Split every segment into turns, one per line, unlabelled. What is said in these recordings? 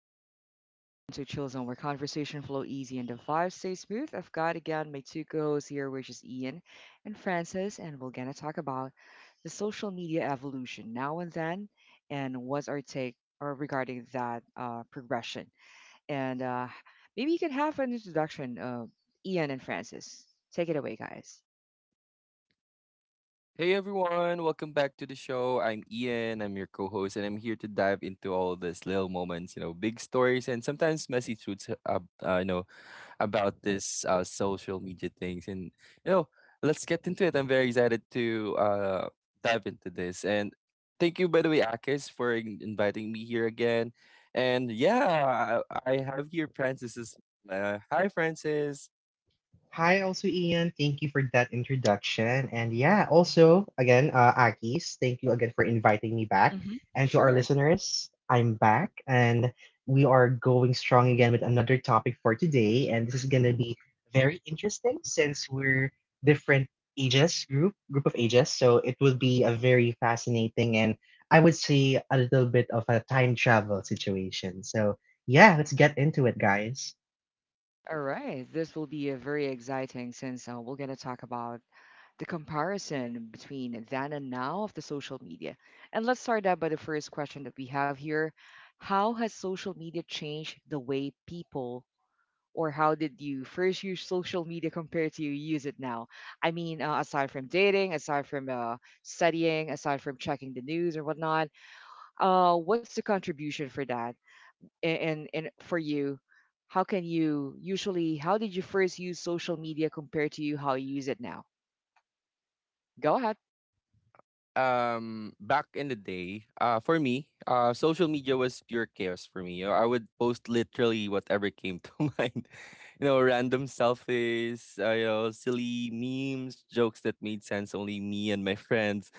You just step into a chill zone where conversation flow easy and the vibe stay smooth. I've got again my two co-hosts here, which is Ian and Francis, and we're gonna talk about the social media evolution now and then, and what's our take or regarding that progression. And maybe you can have an introduction, Ian and Francis. Take it away, guys.
Hey everyone, welcome back to the show. I'm Ian, I'm your co host, and I'm here to dive into all these little moments, you know, big stories, and sometimes messy truths, you know, about this social media things. And, you know, let's get into it. I'm very excited to dive into this. And thank you, by the way, Akis, for inviting me here again. And yeah, I have here Francis. Hi, Francis.
Hi, also Ian. Thank you for that introduction. And yeah, also again, Akis, thank you again for inviting me back.
Hmm.
And to our
Sure.
listeners, I'm back and we are going strong again with another topic for today. And this is gonna be very interesting since we're different ages, group of ages. So it will be a very fascinating and I would say a little bit of a time travel situation. So yeah, let's get into it, guys.
All right. This will be a very exciting since we're gonna talk about the comparison between then and now of the social media. And let's start out by the first question that we have here. How has social media changed the way people, or how did you first use social media compared to you use it now? I mean, aside from dating, aside from studying, aside from checking the news or whatnot, what's the contribution for that? And for you, how can you usually, how did you first use social media compared to you how you use it now? Go ahead.
Back in the day, for me, social media was pure chaos for me. You know, I would post literally whatever came to mind, you know, random selfies, you know, silly memes, jokes that made sense only me and my friends,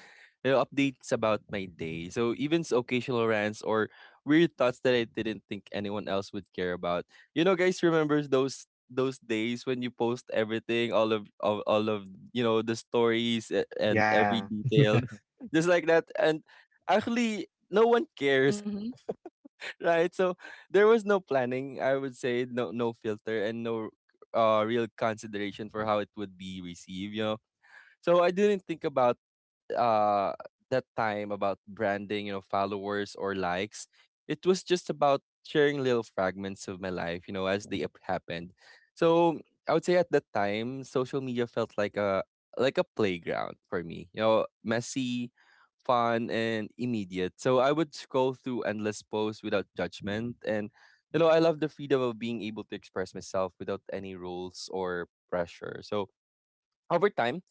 you know, updates about my day. So even occasional rants or weird thoughts that I didn't think anyone else would care about. You know, guys, remember those days when you post everything, all of the stories and every
Yeah,
detail, just like that. And actually, no one cares,
Hmm.
right? So there was no planning. I would say no filter, and no real consideration for how it would be received. You know, so I didn't think about uh that time about branding, you know, followers or likes. It was just about sharing little fragments of my life, you know, as they happened. So I would say at that time, social media felt like a playground for me. You know, messy, fun, and immediate. So I would scroll through endless posts without judgment, and, you know, I love the freedom of being able to express myself without any rules or pressure. So over time,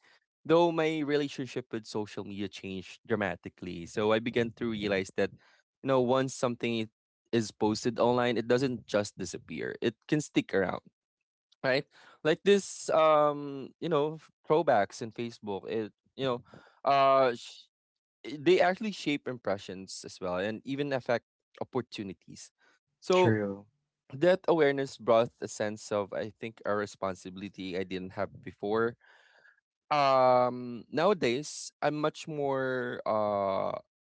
though my relationship with social media changed dramatically. So I began to realize that, you know, once something is posted online, it doesn't just disappear. It can stick around, right? Like this, you know, throwbacks in Facebook. It, you know, sh- I- They actually shape impressions as well, and even affect opportunities. So
true.
that awareness brought a sense of, I think, a responsibility I didn't have before. Nowadays, I'm much more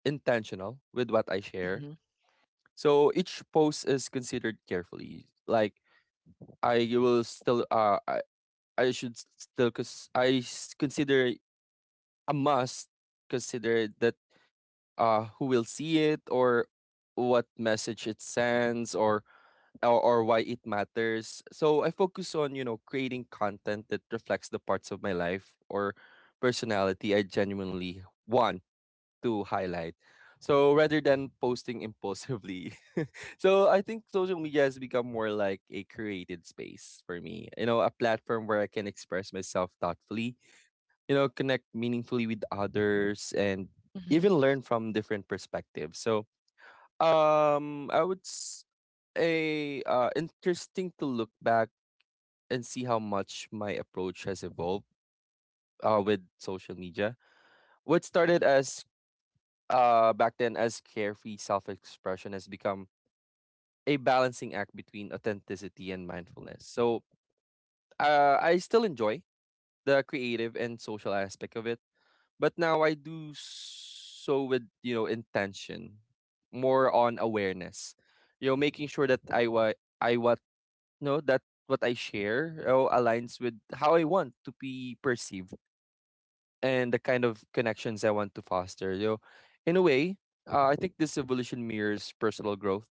intentional with what I share. So each post is considered carefully. Like, I will still, I should still, cause I consider, a must, consider that, who will see it, or what message it sends, or, or why it matters. So I focus on, you know, creating content that reflects the parts of my life or personality I genuinely want to highlight, so rather than posting impulsively. So I think social media has become more like a created space for me. You know, a platform where I can express myself thoughtfully, you know, connect meaningfully with others, and
Hmm.
even learn from different perspectives. So I would s- a interesting to look back and see how much my approach has evolved, with social media. What started as back then as carefree self-expression has become a balancing act between authenticity and mindfulness. So, I still enjoy the creative and social aspect of it, but now I do so with, you know, intention, more on awareness. You know, making sure that I was, no, that what I share, aligns with how I want to be perceived and the kind of connections I want to foster. You know, in a way, I think this evolution mirrors personal growth.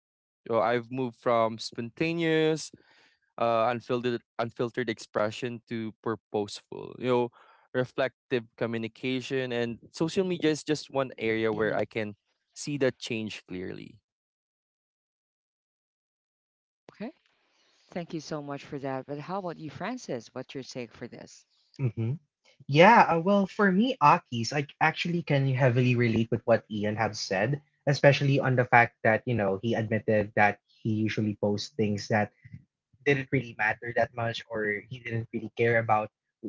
So I've moved from spontaneous, unfiltered, expression to purposeful, you know, reflective communication. And social media is just one area where I
Hmm.
can see that change clearly.
Okay. Thank you so much for that. But how about you, Francis? What's your take for this?
Mm-hmm. Yeah, well, for me, Akis, I actually can heavily relate with what Ian have said, especially on the fact that, you know, he admitted that he usually posts things that didn't really matter that much or he didn't really care about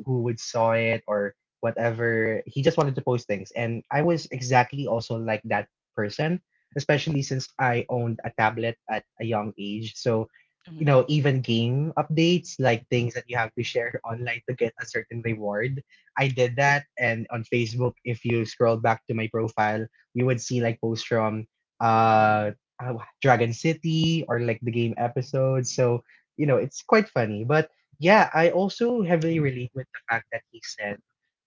who would saw it or whatever. He just wanted to post things. And I was exactly also like that person, especially since I owned a tablet at a young age. So,
Hmm.
you know, even game updates, like things that you have to share online to get a certain reward. I did that. And on Facebook, if you scroll back to my profile, you would see like posts from uh, uh, Dragon City or like the game episodes. So, you know, it's quite funny. But yeah, I also heavily relate with the fact that he said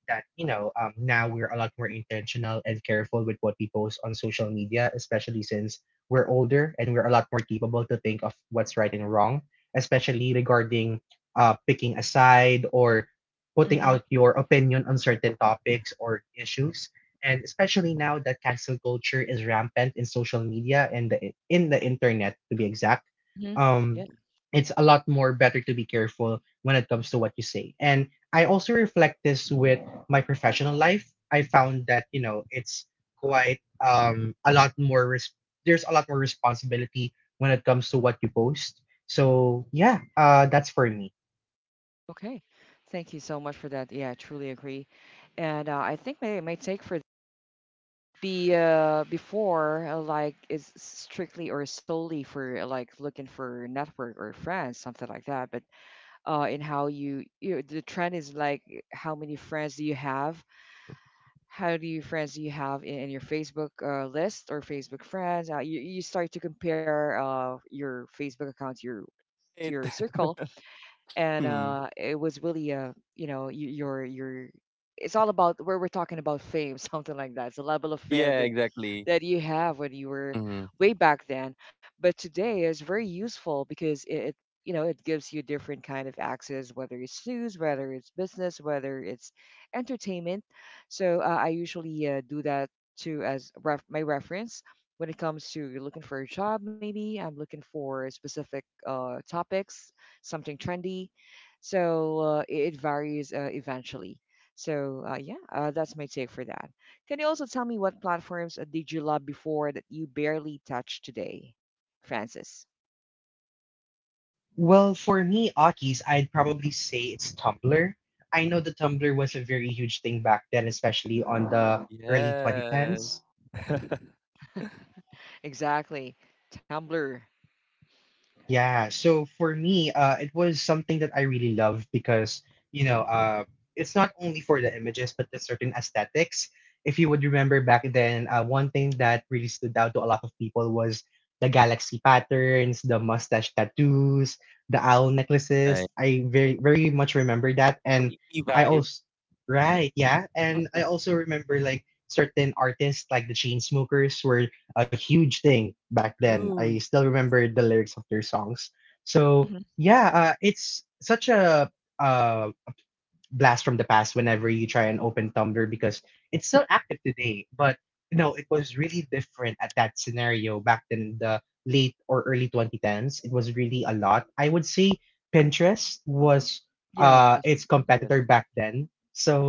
that, you know, now we're a lot more intentional and careful with what we post on social media, especially since we're older and we're a lot more capable to think of what's right and wrong, especially regarding picking a side or putting
Hmm.
out your opinion on certain topics or issues, and especially now that cancel culture is rampant in social media and the, in the internet, to be exact.
Hmm. Yeah.
um, it's a lot more better to be careful when it comes to what you say. And I also reflect this with my professional life. I found that, you know, it's quite a lot more res- there's a lot more responsibility when it comes to what you post. So, yeah, that's for me.
Okay. Thank you so much for that. Yeah, I truly agree. And I think my take for be before like is strictly or solely for like looking for network or friends something like that, but in how you the trend is like how many friends do you have, how do you friends you have in your Facebook list or Facebook friends? You you start to compare your Facebook account to
It.
your circle, and
Mhm.
it was really uh, you know, your it's all about where we're talking about fame something like that. It's a level of fame
Yeah,
that
exactly.
that you have when you were
Hmm.
way back then. But today is very useful because it you know it gives you different kind of access, whether it's news, whether it's business, whether it's entertainment. So I usually do that too as my reference when it comes to you're looking for a job. Maybe I'm looking for specific topics, something trendy. So it it varies eventually. So that's my take for that. Can you also tell me what platforms did you love before that you barely touch today, Francis?
Well, for me, Aki's, I'd probably say it's Tumblr. I know the Tumblr was a very huge thing back then, especially on the early
Yeah.
2010s.
Exactly. Tumblr.
Yeah, so for me, it was something that I really love because, you know, it's not only for the images, but the certain aesthetics. If you would remember back then, one thing that really stood out to a lot of people was the galaxy patterns, the mustache tattoos, the owl necklaces.
Right.
I very, very much remember that.
So
And
hippie
I
vibe.
also, right, yeah. And I also remember like certain artists like the Chainsmokers were a huge thing back then. I
True.
still remember the lyrics of their songs. So
Hmm.
yeah, it's such a uh, blast from the past whenever you try and open Tumblr, because it's still active today. But you know, it was really different at that scenario back in the late or early 2010s. It was really a lot. I would say Pinterest was
Yeah,
its
Facebook.
Yes.
competitor back then.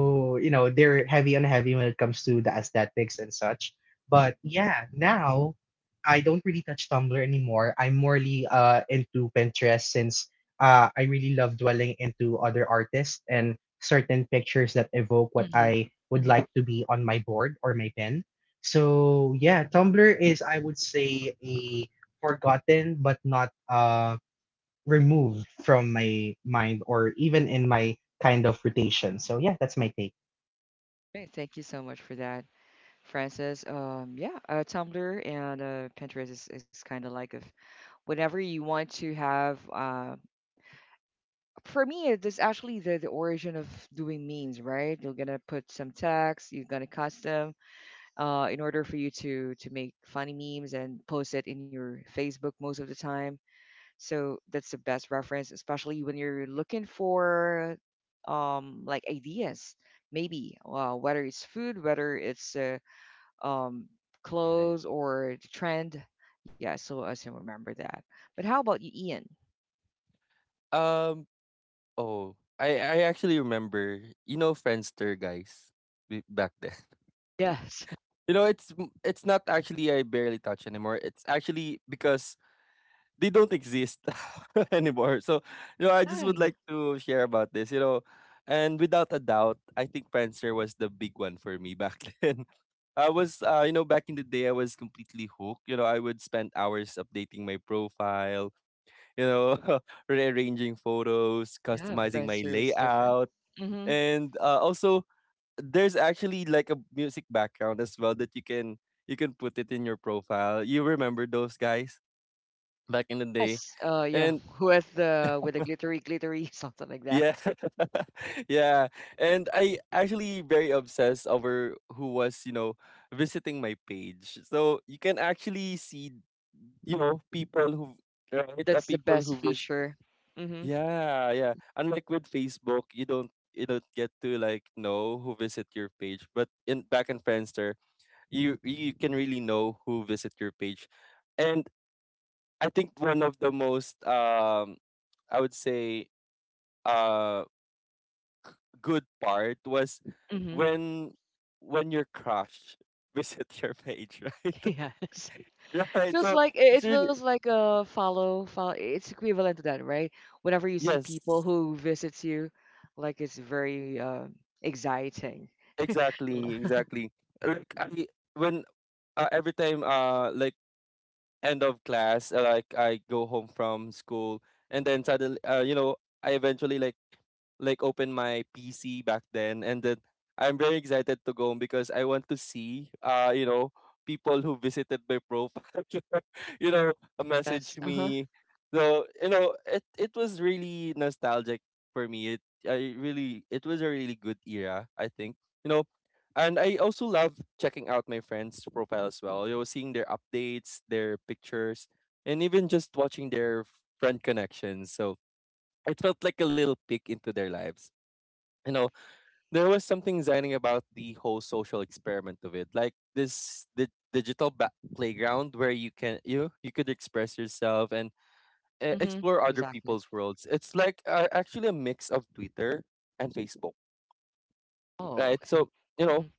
Mm,
you know, they're heavy on heavy when it comes to the aesthetics and such. But yeah, now I don't really touch Tumblr anymore. I'm morely into Pinterest since I really love dwelling into other artists and certain pictures that evoke what
Mm-hmm.
I would
Hmm.
like to be on my board or my pen. So yeah, Tumblr is I would say a forgotten but not removed from my mind or even in my kind of rotation. So yeah, that's my take.
Great. Thank you so much for that, Francis. Yeah, Tumblr and Pinterest is kind of like if whenever you want to have. For me, it is actually the origin of doing memes, right? You're gonna put some text, you're gonna custom. In order for you to make funny memes and post it in your Facebook most of the time. So that's the best reference, especially when you're looking for like ideas, maybe whether it's food, whether it's um,
right.
clothes or the trend. Yeah, so I can remember that. But how about you, Ian?
Um. Oh, I actually remember. You know, Friendster, guys, back then.
Yes.
You know, it's not actually I barely touch anymore. It's actually because they don't exist anymore. So, you know, I just would
Yeah,
like to share about this, you know. And without a doubt, I think Prancer was the big one for me back then. I was, back in the day, I was completely hooked. You know, I would spend hours updating my profile, you know, rearranging photos,
yeah,
customizing my
Friendster is different.
layout.
Mm-hmm.
And, also, there's actually like a music background as well that you can put it in your profile. You remember those, guys, back in the day?
Yes. Yeah,
And
with the glittery, glittery, something like that.
yeah. Yeah. And I actually very obsessed over who was, you know, visiting my page. So you can actually see, you know, people who right,
That's the
people
best
who visit,
feature. Mhm.
yeah, yeah. Unlike with Facebook, you don't get to like know who visit your page. But in back in Friendster, you can really know who visit your page. And I think one of the most, I would say, uh good part was
Mhm.
when your crush visit your page, right?
Yes.
Right.
Feels
So
like it
it's
it
really,
feels like a follow follow it's equivalent to that, right? Whenever you see
yes,
people who visits you, like it's very exciting.
exactly, exactly. Like I, when every time, like, end of class, like, I go home from school, and then suddenly, I eventually like open my PC back then, and then I'm very excited to go home because I want to see, people who visited my profile. you know,
Yes.
Message
Uh-huh.
me. So, you know, it was really nostalgic for me. It was a really good era, I think. You know, and I also love checking out my friends' profile as well. You know, seeing their updates, their pictures, and even just watching their friend connections. So it felt like a little peek into their lives. You know, there was something exciting about the whole social experiment of it, like this, the digital playground where you could express yourself and,
Mhm.
explore other
Exactly.
people's worlds. It's like, actually a mix of Twitter and Facebook,
Oh,
right?
okay.
So, you know,
Mhm.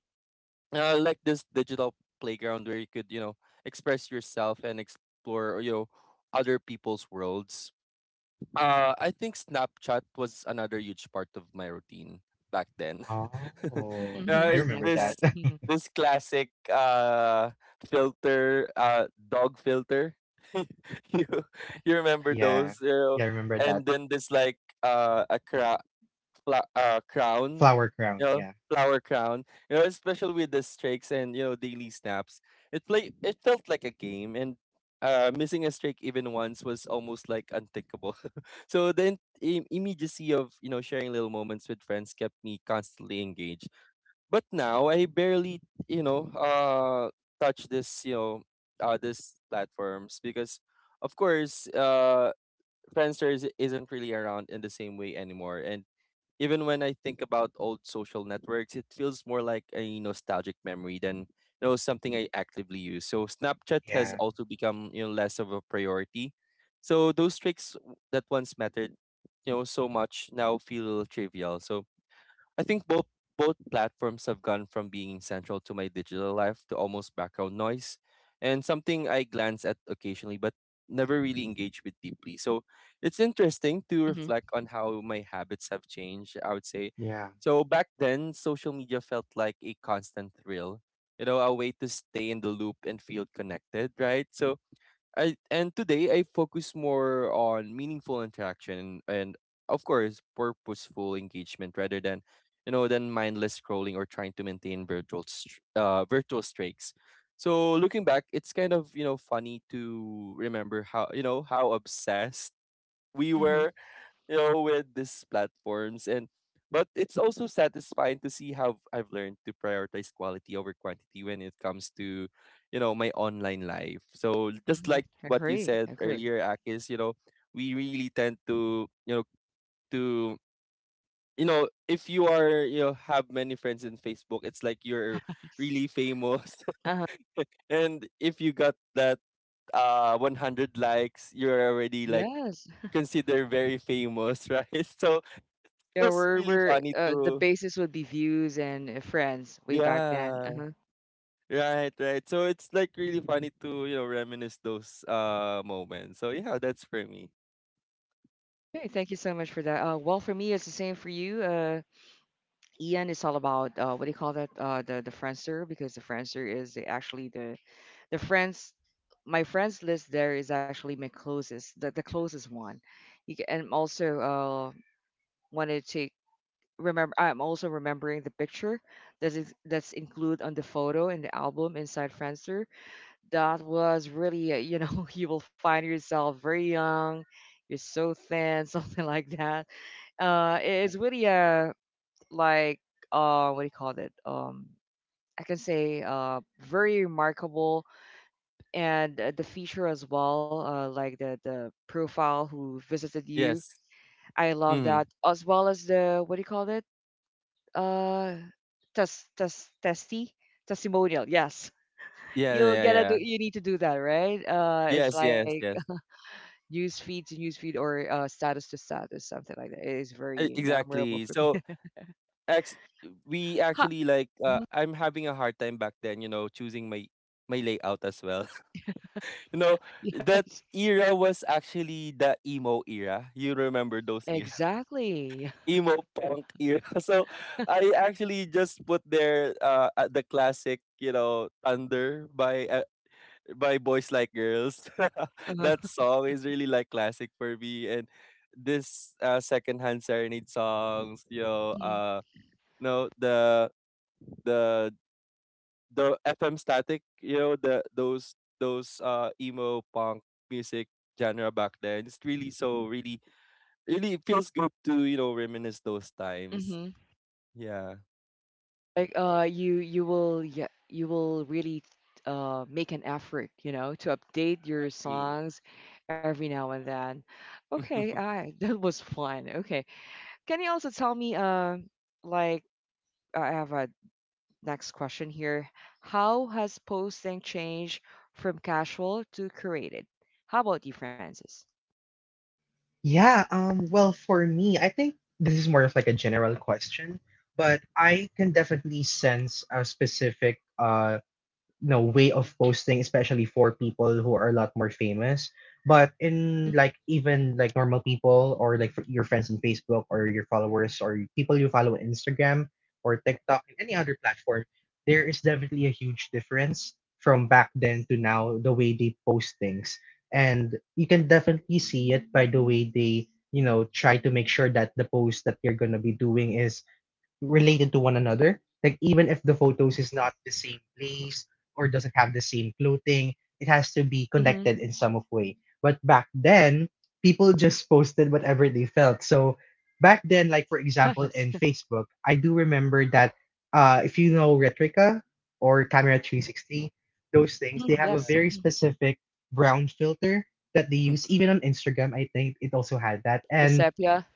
like this digital playground where you could, you know, express yourself and explore, you know, other people's worlds. I think Snapchat was another huge part of my routine back then.
Oh,
Mhm.
I remember
Snapchat.
that.
This
Mhm.
classic, filter dog filter. you you remember
Yeah.
those? You know?
Yeah, I remember
And
that.
then this, like, a crown,
Flower
you
crown.
know,
Yeah.
flower crown, you know, especially with the streaks and, you know, daily snaps. It felt like a game, and, missing a streak even once was almost like unthinkable. So the immediacy of, you know, sharing little moments with friends kept me constantly engaged. But now I barely, you know uh touch this you know this platforms, because of course, Friendster isn't really around in the same way anymore. And even when I think about old social networks, it feels more like a nostalgic memory than, you know, something I actively use. So Snapchat has
Yeah.
also become, you know, less of a priority. So those tricks that once mattered, you know, so much, now feel trivial. So I think both platforms have gone from being central to my digital life to almost background noise, and something I glance at occasionally but never really engage with deeply. So it's interesting to
Mhm.
reflect on how my habits have changed, I would say.
Yeah.
So back then, social media felt like a constant thrill, you know, a way to stay in the loop and feel connected, right? So I and today I focus more on meaningful interaction and, of course, purposeful engagement rather than, mindless scrolling, or trying to maintain virtual streaks. So looking back, it's kind of, you know, funny to remember how obsessed we
Mhm.
were, you know, with these platforms. And But it's also satisfying to see how I've learned to prioritize quality over quantity when it comes to, you know, my online life. So just
Mhm.
like what you
Agree.
said
Agree.
earlier, Akis, you know, we really tend to, to if you are you know have many friends in Facebook, it's like you're really famous.
Uh-huh.
And if you got that 100 likes, you're already like
Yes.
considered very famous, right? So
Yeah,
that's really
we're
funny
the
too.
basis would be views and friends way back then.
Yeah.
Uh-huh.
Right, right. So it's like really funny to, you know, reminisce those moments. So yeah, that's for me.
Okay, thank you so much for that. Well, for me, it's the same for you. Ian, it's all about what do you call that? The Friendster because the Friendster is actually the friends. My friends list there is actually my closest, the closest one. You ca and also wanted to take remember. I'm also remembering the picture that is that's included on the photo in the album inside Friendster that was really, you know, you will find yourself very young, you're so thin, something like that. It's really a like what do you call it? I can say very remarkable, and the feature as well, like the profile who visited you.
Yes.
I love
Mm.
that as well as the what do you call it? Uh, test test testy testimonial. Yes,
Yeah,
you'll
yeah,
get a do.
yeah.
You need to do that, right? It's
Yes,
like
yes, yes.
news feed to news feed or status to status, something like that. It is
E-
very memorable
Exactly.
for
So,
me.
ex- we
Ha!
actually, like,
Mhm,
I'm having a hard time back then, you know, choosing my layout as well. You know, that
yes,
era was actually the emo era. You remember those
exactly.
emo punk era. So I actually just put there the classic, you know, Thunder by Boys Like Girls.
Uh-huh.
That song is really like classic for me and this secondhand serenade songs, you know, no the the FM static, you know, the those emo punk music genre back then. It's really really it feels good to, reminisce those times.
Mm-hmm.
Yeah.
Like you you will yeah you will really make an effort, you know, to update your
Exactly.
songs every now and then. Okay, I that was fun. Okay, can you also tell me like I have a next question here. How has posting changed from casual to curated? How about you, Francis?
Yeah, well, for me, I think this is more of like a general question, but I can definitely sense a specific you know way of posting, especially for people who are a lot more famous, but in like even like normal people or like your friends on Facebook or your followers or people you follow on Instagram or TikTok and any other platform. There is definitely a huge difference from back then to now the way they post things, and you can definitely see it by the way they, you know, try to make sure that the post that they're going to be doing is related to one another. Like even if the photos is not the same place or doesn't have the same clothing, it has to be
Mm-hmm.
connected in some of way. But back then, people just posted whatever they felt. So back then, like for example in
Yes.
Facebook, I do remember that, if you know Retrica or Camera 360, those things, they
Mhm,
have a
yes.
very specific brown filter that they
Yeah.
use. Even on Instagram, I think it also had that.
The
And
sepia.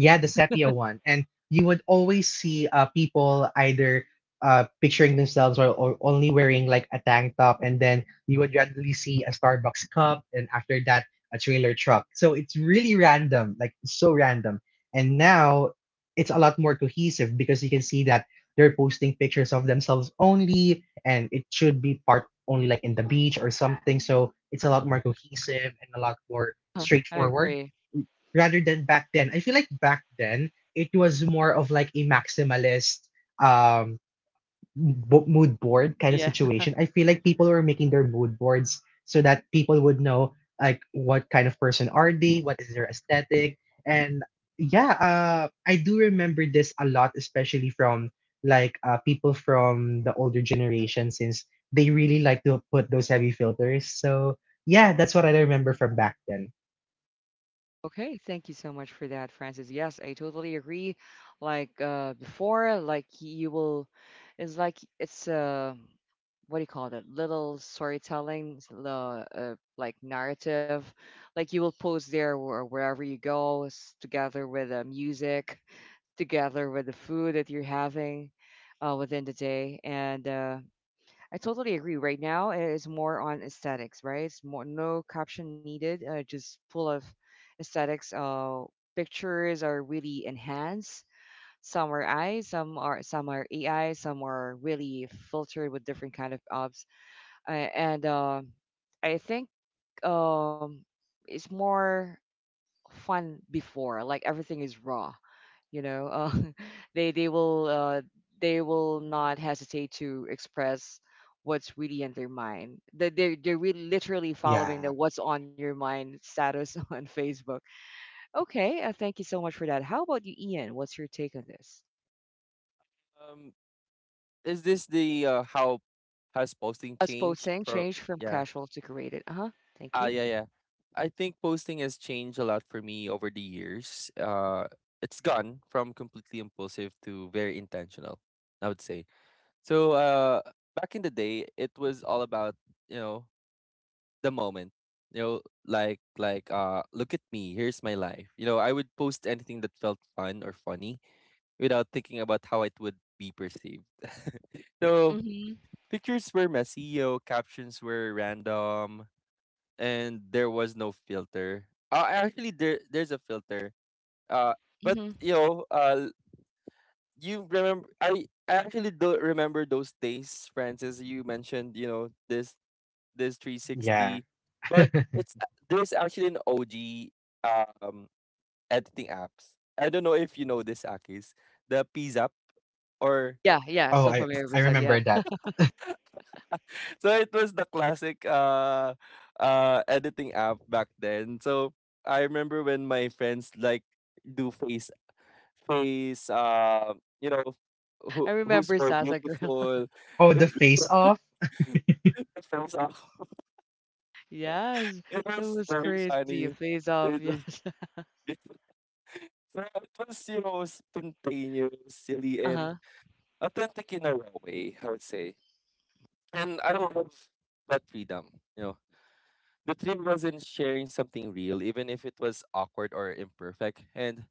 yeah, the sepia one. And you would always see people either picturing themselves or only wearing like a tank top. And then you would randomly see a Starbucks cup. And after that, a trailer truck. So it's really random, like so random. And now it's a lot more cohesive because you can see that they're posting pictures of themselves only. And it should be part only like in the beach or something. So it's a lot more cohesive and a lot more
Huh, I
straightforward
agree.
rather than back then. I feel like back then it was more of like a maximalist um mood board kind of
Yeah.
situation. I feel like people were making their mood boards so that people would know like what kind of person are they, what is their aesthetic, and yeah, I do remember this a lot, especially from like people from the older generation, since they really like to put those heavy filters. So yeah, that's what I remember from back then.
Okay, thank you so much for that, Francis. Yes, I totally agree. Like before, like you will, it's like it's what do you call that? Little storytelling, the like narrative, like you will post there or wherever you go, together with the music, together with the food that you're having, within the day, and I totally agree. Right now, it is more on aesthetics, right? It's more no caption needed, just full of aesthetics. Pictures are really enhanced. Some are AI, some are AI, some are really filtered with different kind of obs. And I think um, it's more fun before. Like everything is raw you know they they will uh, they will not hesitate to express what's really in their mind that they're really literally following the
Yeah,
what's on your mind status on Facebook. Okay, thank you so much for that. How about you, Ian? What's your take on this?
Um, is this the how has posting
Us
changed
posting
for
changed from
yeah.
casual to created. Uh-huh. Thank
Ah
you.
yeah, yeah. I think posting has changed a lot for me over the years. It's gone from completely impulsive to very intentional, I would say. So back in the day it was all about, you know, the moment. You know, like look at me, here's my life. You know, I would post anything that felt fun or funny without thinking about how it would be perceived. So
Mm-hmm,
pictures were messy, yo, captions were random, and there was no filter. Actually, there's a filter. Uh, but
mm-hmm.
you know, you remember? I actually don't remember those days, Francis. You mentioned, you know, this
yeah.
360, but it's there's actually an OG um editing apps. I don't know if you know this, Akis, the PZAP or
Yeah, yeah,
Oh,
still familiar
I
with that.
remember
Yeah,
that.
so it was the classic uh editing app back then. So I remember when my friends like do face you know who
I
who's
remember
more
sasa girl.
beautiful
Oh, the face off.
face off.
Yes,
It
it
was
was
very
crazy. A
funny.
phase off,
It was
yes.
it, so it was you know spontaneous, silly and
Uh-huh.
authentic in a raw way, I would say. And I don't love that freedom. You know, the thrill was in sharing something real, even if it was awkward or imperfect, and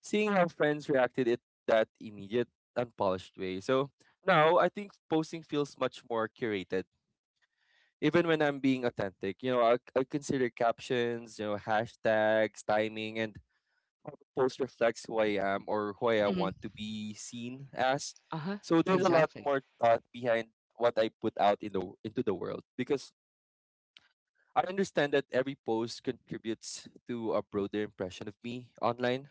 seeing how friends reacted it that immediate, unpolished way. So now I think posting feels much more curated. Even when I'm being authentic, you know, I consider captions, you know, hashtags, timing, and post reflects who I am or who I want
Mm-hmm,
to be seen as.
uh-huh.
So there's a lot
Exactly.
more thought behind what I put out in the into the world because I understand that every post contributes to a broader impression of me online.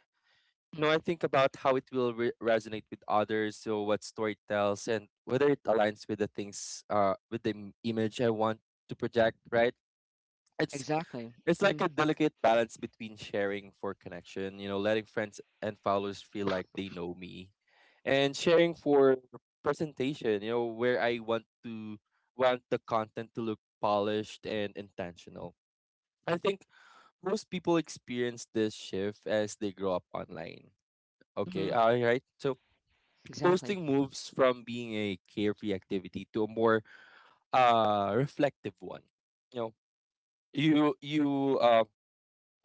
Mhm.
No, I think about how it will resonate with others, so what story tells, and whether it aligns with the things, with the image I want to project. Right? It's
Exactly.
it's
Hmm.
like a delicate balance between sharing for connection, you know, letting friends and followers feel like they know me, and sharing for presentation, you know, where I want to want the content to look polished and intentional. I think most people experience this shift as they grow up online. Okay,
Hmm.
all right. So
Exactly.
posting moves from being a carefree activity to a more reflective one. You know, you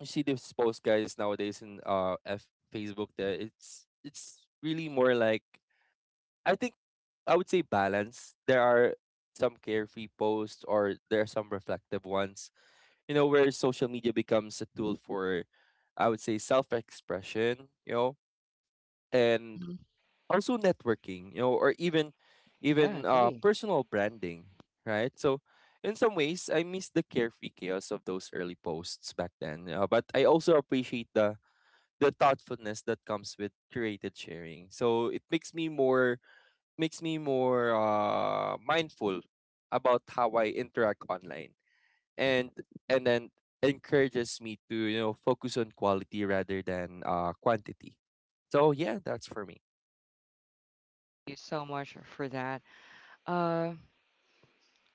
you see these post guys nowadays in Facebook that it's really more like I think I would say balance. There are some carefree posts or there are some reflective ones, you know, where social media becomes a tool for, I would say, self expression, you know, and
Hmm.
also networking, you know, or
Yeah,
even
agree.
personal branding, right? So, in some ways, I miss the carefree chaos of those early posts back then, you but I also appreciate the thoughtfulness that comes with curated sharing. So it makes me more mindful about how I interact online and and then encourages me to you know focus on quality rather than quantity, so yeah, that's for me.
Thank you so much for that. Uh,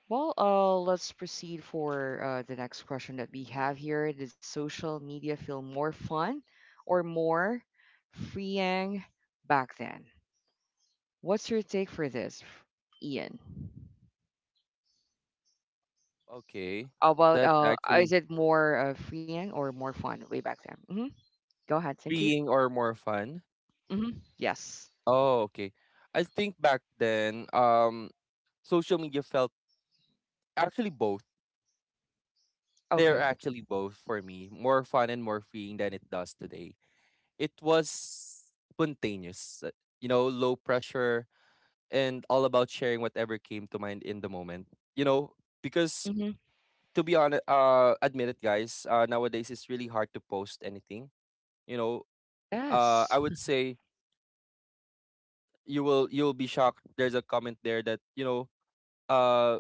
let's proceed for the next question that we have here. Did social media feel more fun or more freeing back then? What's your take for this, Ian?
Okay.
About
That's actually
is it more freeing or more fun way back then? Hmm. Go ahead. Thank you.
freeing or more fun.
Hmm. Yes.
Oh, okay, I think back then social media felt actually both. They're
Okay.
actually both for me more fun and more freeing than it does today. It was spontaneous, you know, low pressure and all about sharing whatever came to mind in the moment, you know, because
Hmm.
to be honest, admit it, guys. Nowadays it's really hard to post anything. You know,
Yes.
I would say you'll be shocked. There's a comment there that you know, uh,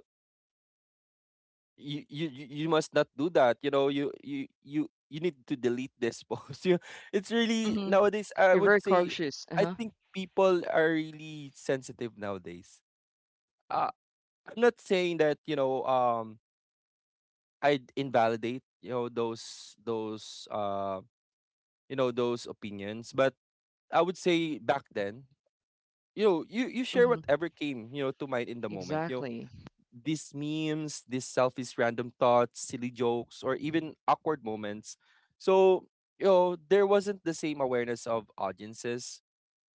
you must not do that. You know, you need to delete this post. It's really nowadays. I
You're
would
very
say,
cautious. Uh
I
huh.
think people are really sensitive nowadays. Uh, I'm not saying that you know, I invalidate you know those you know those opinions, but I would say back then, you know, you share
Hmm.
whatever came, you know, to mind in the moment. You know,
Exactly.
these memes, these selfish, random thoughts, silly jokes, or even awkward moments. So, you know, there wasn't the same awareness of audiences,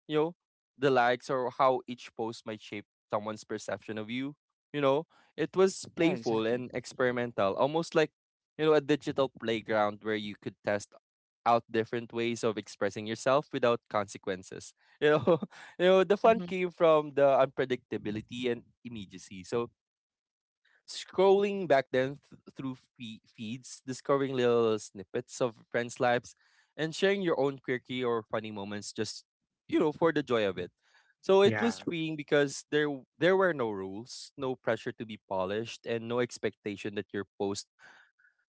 you know, the likes or how each post might shape someone's perception of you. You know, it was
Yeah,
playful
exactly.
and experimental, almost like, you know, a digital playground where you could test out different ways of expressing yourself without consequences. You know, you know, the fun
Hmm.
came from the unpredictability and immediacy. So scrolling back then through feeds, discovering little snippets of friends' lives, and sharing your own quirky or funny moments just, you know, for the joy of it. So it
Yeah.
was freeing because there there were no rules, no pressure to be polished, and no expectation that your post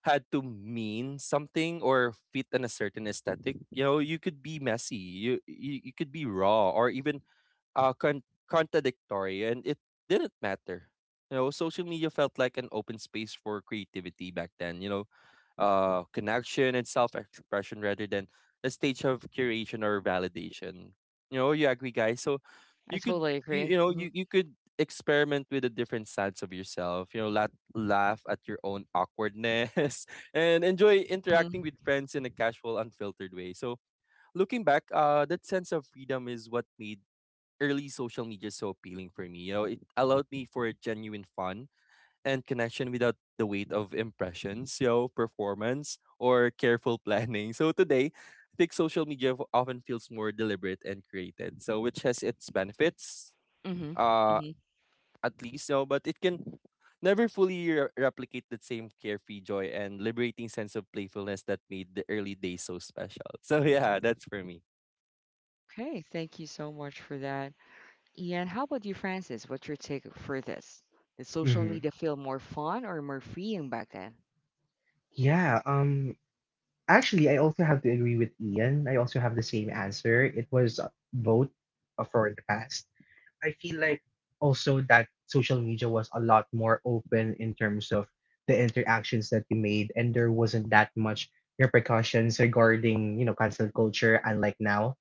had to mean something or fit in a certain aesthetic. You know, you could be messy, you could be raw, or even contradictory, and it didn't matter. You know, social media felt like an open space for creativity back then. You know, connection and self-expression rather than a stage of curation or validation. You know, you agree, guys. So
I
you could,
totally
you,
agree.
you know,
Hmm.
you could experiment with the different sides of yourself. You know, laugh at your own awkwardness and enjoy interacting
Hmm.
with friends in a casual, unfiltered way. So looking back, that sense of freedom is what made early social media so appealing for me. You know, it allowed me for genuine fun and connection without the weight of impressions, you know, performance or careful planning. So today, I think social media often feels more deliberate and created. So which has its benefits,
Hmm.
uh,
Hmm.
you know, but it can never fully replicate the same carefree joy and liberating sense of playfulness that made the early days so special. So yeah, that's for me.
Okay, thank you so much for that. Ian, how about you, Francis? What's your take for this? Did social
Hmm.
media feel more fun or more freeing back then?
Yeah. Actually, I also have to agree with Ian. I also have the same answer. It was both, for the past. I feel like also that social media was a lot more open in terms of the interactions that you made, and there wasn't that much repercussions regarding, you know, cancel culture, unlike now.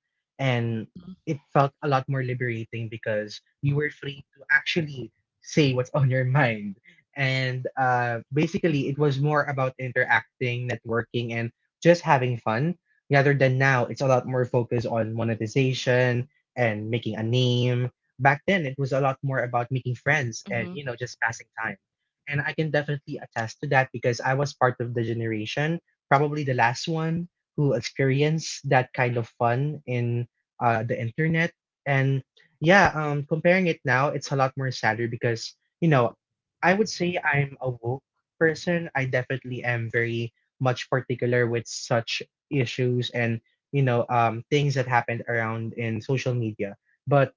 And
Mhm,
it felt a lot more liberating because you were free to actually say what's on your mind. And
mhm,
basically, it was more about interacting, networking, and just having fun rather than now. It's a lot more focused on monetization and making a name. Back then, it was a lot more about making friends and,
mhm,
you know, just passing time. And I can definitely attest to that because I was part of the generation, probably the last one, who experienced that kind of fun in the internet. And yeah, comparing it now, it's a lot more sadder because, you know, I would say I'm a woke person. I definitely am very much particular with such issues and, you know, things that happened around in social media. But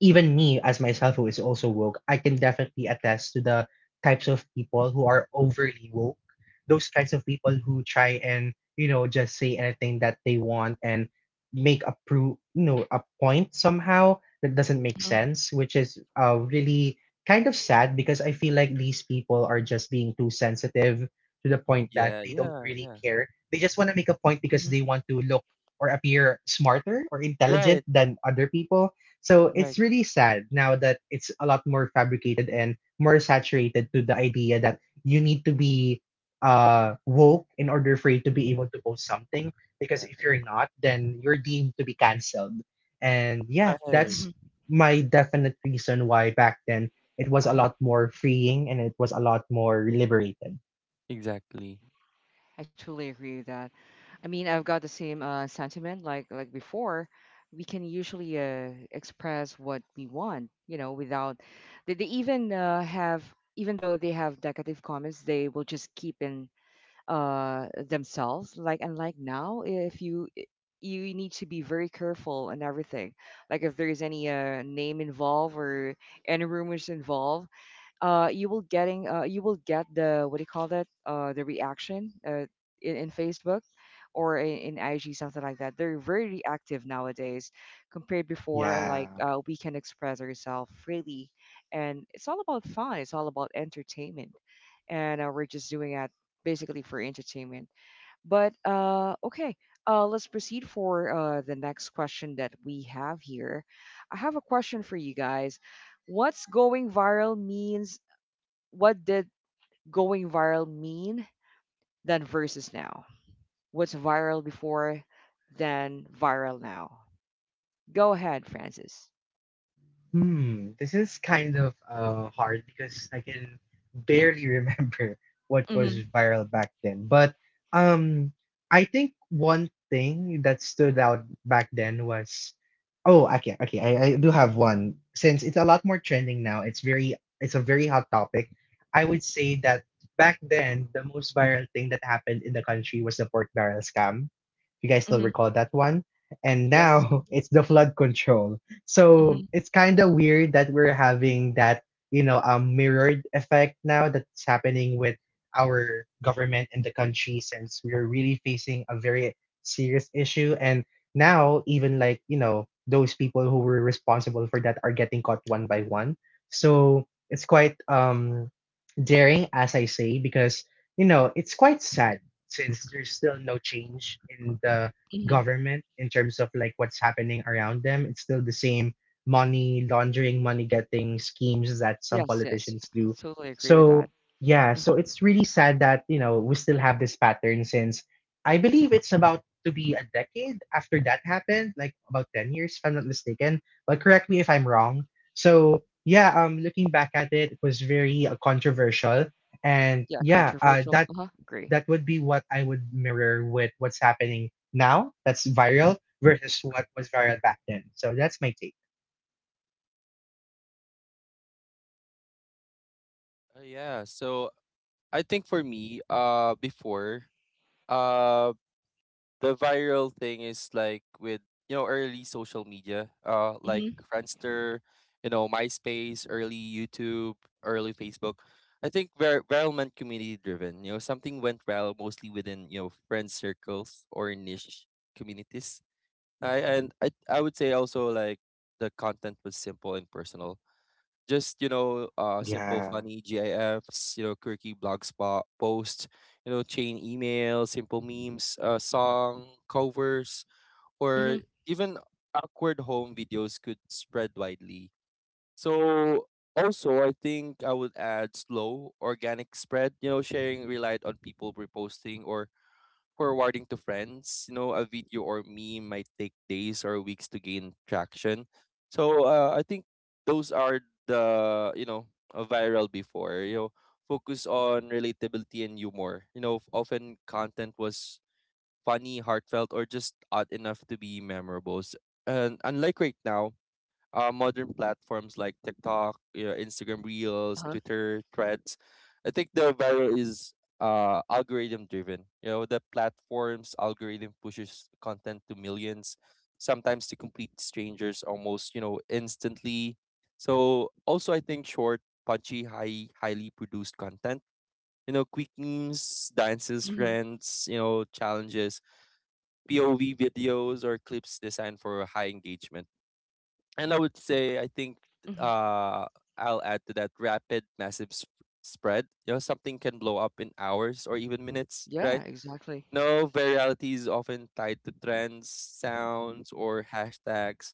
even me as myself who is also woke, I can definitely attest to the types of people who are overly woke. Those kinds of people who try and, you know, just say anything that they want and make a pro you know, a point somehow that doesn't make
mhm,
sense, which is really kind of sad because I feel like these people are just being too sensitive to the point that
Yeah,
they don't
yeah,
really
yeah.
care. They just want to make a point because
mhm,
they want to look or appear smarter or
Right,
intelligent than other people. So
right.
it's really sad now that it's a lot more fabricated and more saturated to the idea that you need to be woke in order for you to be able to post something,
Yeah,
because if you're not, then you're deemed to be cancelled. And
yeah.
yeah,
Right.
that's
mhm.
my definite reason why back then it was a
Uh-huh.
lot more freeing and it was a lot more liberated.
Exactly.
I totally agree with that. I mean, I've got the same sentiment like before. We can usually express what we want, you know, without they, they even have even though they have decorative comments, they will just keep in themselves. Like unlike now, if you need to be very careful and everything. Like if there is any name involved or any rumors involved, you will get the what do you call that the reaction in Facebook or in IG something like that. They're very reactive nowadays compared before. Like
Yeah.
we can express ourselves freely, and it's all about fun. It's all about entertainment, and we're just doing it basically for entertainment. But okay. Let's proceed for the next question that we have here. I have a question for you guys. What's going viral means, what did going viral mean then versus now? What's viral before then viral now? Go ahead, Francis.
Hmm, this is kind of hard because I can barely remember what was
Mhm.
viral back then. But um, I think one thing that stood out back then was, oh, okay, okay, I do have one. Since it's a lot more trending now, it's very, it's a very hot topic. I would say that back then, the most viral thing that happened in the country was the pork barrel scam, if you guys still
Mhm.
recall that one. And
Yes,
now it's the flood control. So
mhm.
it's kind of weird that we're having that, you know, mirrored effect now that's happening with our government and the country, since we're really facing a very serious issue. And now, even like, you know, those people who were responsible for that are getting caught one by one. So it's quite daring, as I say, because it's quite sad since there's still no change in the
Mhm.
government in terms of like what's happening around them. It's still the same money laundering, money getting schemes that some
Yes, yes.
politicians do.
Absolutely agree with
So
that.
yeah, so
Mhm.
it's really sad that we still have this pattern since I believe it's about to be a decade after that happened, like about 10 years if I'm not mistaken. But correct me if I'm wrong. So yeah, looking back at it, it was very controversial, and
Yeah,
yeah,
controversial.
that
Uh huh. Agree.
that would be what I would mirror with what's happening now that's viral versus what was viral back then. So that's my take.
Yeah. So I think for me, before, uh, the viral thing is like with you know early social media, like
Mhm.
Friendster, you know, MySpace, early YouTube, early Facebook. I think viral meant community driven. You know, something went viral mostly within you know friend circles or niche communities. I and I I would say also like the content was simple and personal. Just, you know, simple,
Yeah.
funny GIFs, you know, quirky blog spot posts, you know, chain emails, simple memes, song covers,
Mhm.
or even awkward home videos could spread widely. So also, I think I would add slow organic spread, you know, sharing relied on people reposting or forwarding to friends. You know, a video or meme might take days or weeks to gain traction. So I think those are the you know viral before. You know, focus on relatability and humor. You know, often content was funny, heartfelt, or just odd enough to be memorable. And unlike right now, modern platforms like TikTok, you know, Instagram Reels,
Uh huh.
Twitter Threads. I think the viral is algorithm driven. You know, the platform's algorithm pushes content to millions, sometimes to complete strangers almost, you know, instantly. So also, I think short, punchy, highly produced content. You know, quick memes, dances,
Mhm.
trends, you know, challenges, POV videos, or clips designed for high engagement, and I would say, I think
Mhm.
uh, I'll add to that rapid, massive spread. You know, something can blow up in hours or even minutes, right?
Yeah, exactly.
No, virality is often tied to trends, sounds, or hashtags,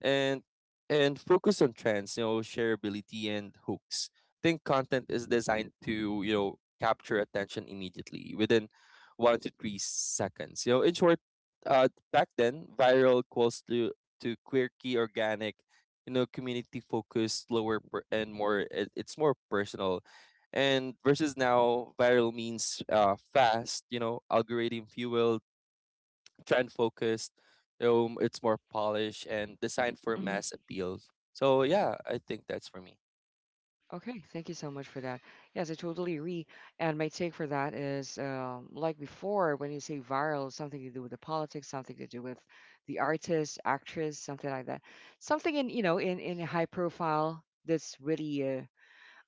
and focus on trends, you know, shareability and hooks. Think content is designed to, you know, capture attention immediately within 1 to 3 seconds. You know, in short, back then, viral equals to quirky, organic, you know, community focused, slower and more. It's more personal and versus now viral means fast, you know, algorithm fueled, trend focused, it's more polished and designed for mass appeals. So yeah, I think that's for me.
Okay, thank you so much for that. Yes, I totally agree. And my take for that is like before, when you say viral, something to do with the politics, something to do with the artist, actress, something like that. Something in, you know, in a high profile that's really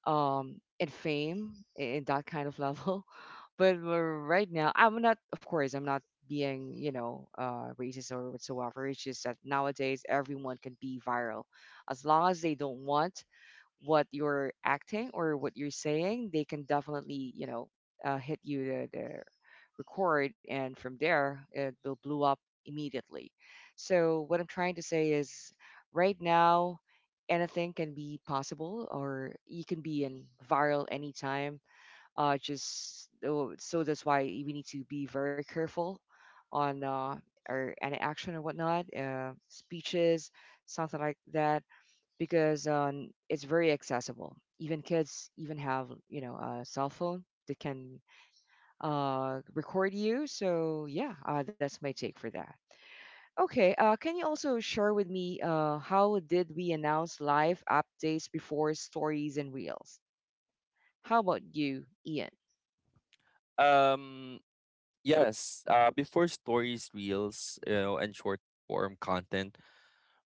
in fame, in that kind of level. But right now, I'm not, of course, I'm not being, you know, racist or whatsoever. It's just that nowadays everyone can be viral as long as they don't want what you're acting or what you're saying, they can definitely, hit you the record, and from there, it will blow up immediately. So, what I'm trying to say is right now, anything can be possible, or you can be in viral anytime. Just so so that's why we need to be very careful on our any action or whatnot, speeches, something like that because it's very accessible. Even kids even have a cell phone that can record you. So yeah, that's my take for that. Okay, can you also share with me how did we announce live updates before stories and reels? How about you, Ian?
um yes, before stories reels, you know, and short form content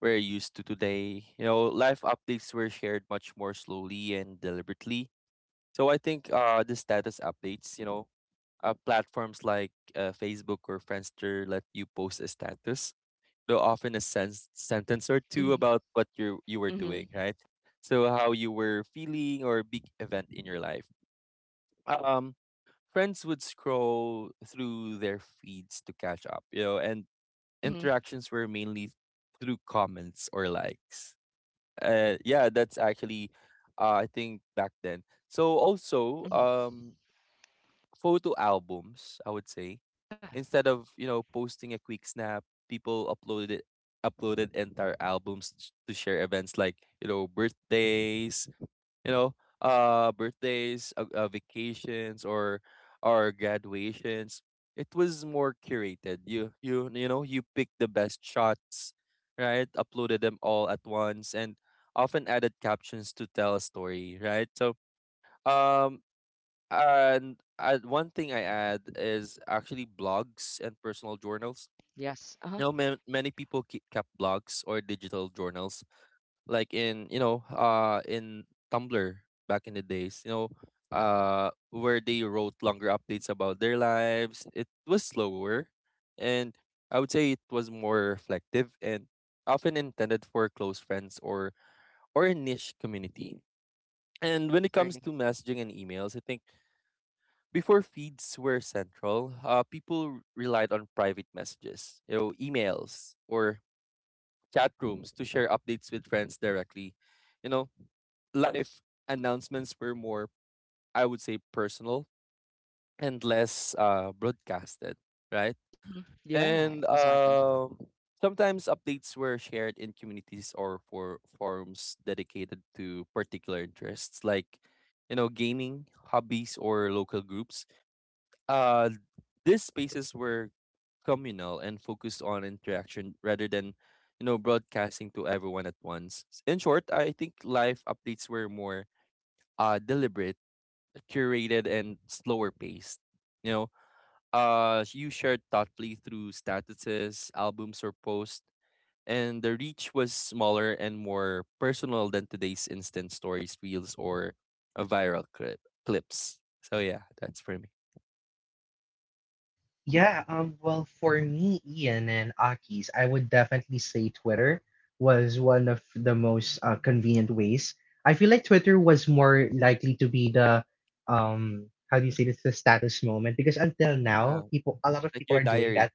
we're used to today, you know, live updates were shared much more slowly and deliberately. So I think the status updates, you know, platforms like Facebook or Friendster let you post a status, though often a sentence or two
Mhm,
about what you were
mhm,
doing, right? So how you were feeling or a big event in your life. Um, Friends would scroll through their feeds to catch up, and
mhm,
interactions were mainly through comments or likes. Yeah, that's actually, I think, back then. So also,
mhm.
photo albums, I would say.
Yeah.
Instead of, posting a quick snap, people uploaded entire albums to share events like, birthdays, you know, vacations or graduations. It was more curated. You pick the best shots, right? Uploaded them all at once and often added captions to tell a story, right? So um and one thing I add is actually blogs and personal journals.
Yes. Uh-huh.
Many people keep kept blogs or digital journals, like in Tumblr back in the days. Where they wrote longer updates about their lives. It was slower, and I would say it was more reflective and often intended for close friends or a niche community. And when it comes to
Agree.
messaging and emails, I think before feeds were central, people relied on private messages, emails or chat rooms to share updates with friends directly. You know, Live announcements were more, I would say, personal and less broadcasted, right?
Yeah,
And
exactly.
um sometimes updates were shared in communities or for forums dedicated to particular interests, like gaming hobbies or local groups. Uh, these spaces were communal and focused on interaction rather than, broadcasting to everyone at once. In short, I think live updates were more deliberate, curated, and slower paced. You you shared thoughtfully through statuses, albums, or posts, and the reach was smaller and more personal than today's instant stories, reels, or a viral clips. So yeah, that's for me.
Yeah, well, for me, Ian and Aki's, I would definitely say Twitter was one of the most convenient ways. I feel like Twitter was more likely to be the, um, how do you say this, the status moment because until
Yeah,
now, a lot of
like
people
your
are doing that.
diary.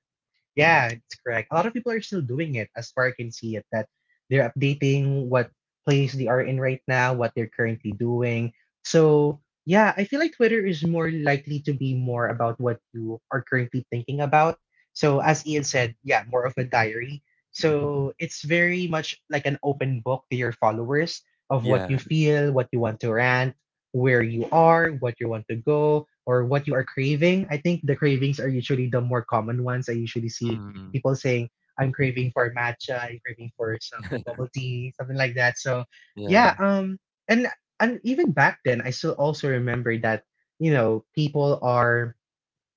Yeah, it's correct. A lot of people are still doing it, as far I can see it, that they're updating what place they are in right now, what they're currently doing. So, yeah, I feel like Twitter is more likely to be more about what you are currently thinking about. So, as Ian said, yeah, more of a diary. So, it's very much like an open book to your followers of what you
Yeah.
feel, what you want to rant, where you are, what you want to go or what you are craving. I think the cravings are usually the more common ones. I usually see
Mm.
people saying, I'm craving for matcha, I'm craving for some bubble tea, something like that. So
Yeah.
yeah, and and even back then I still also remember that, people are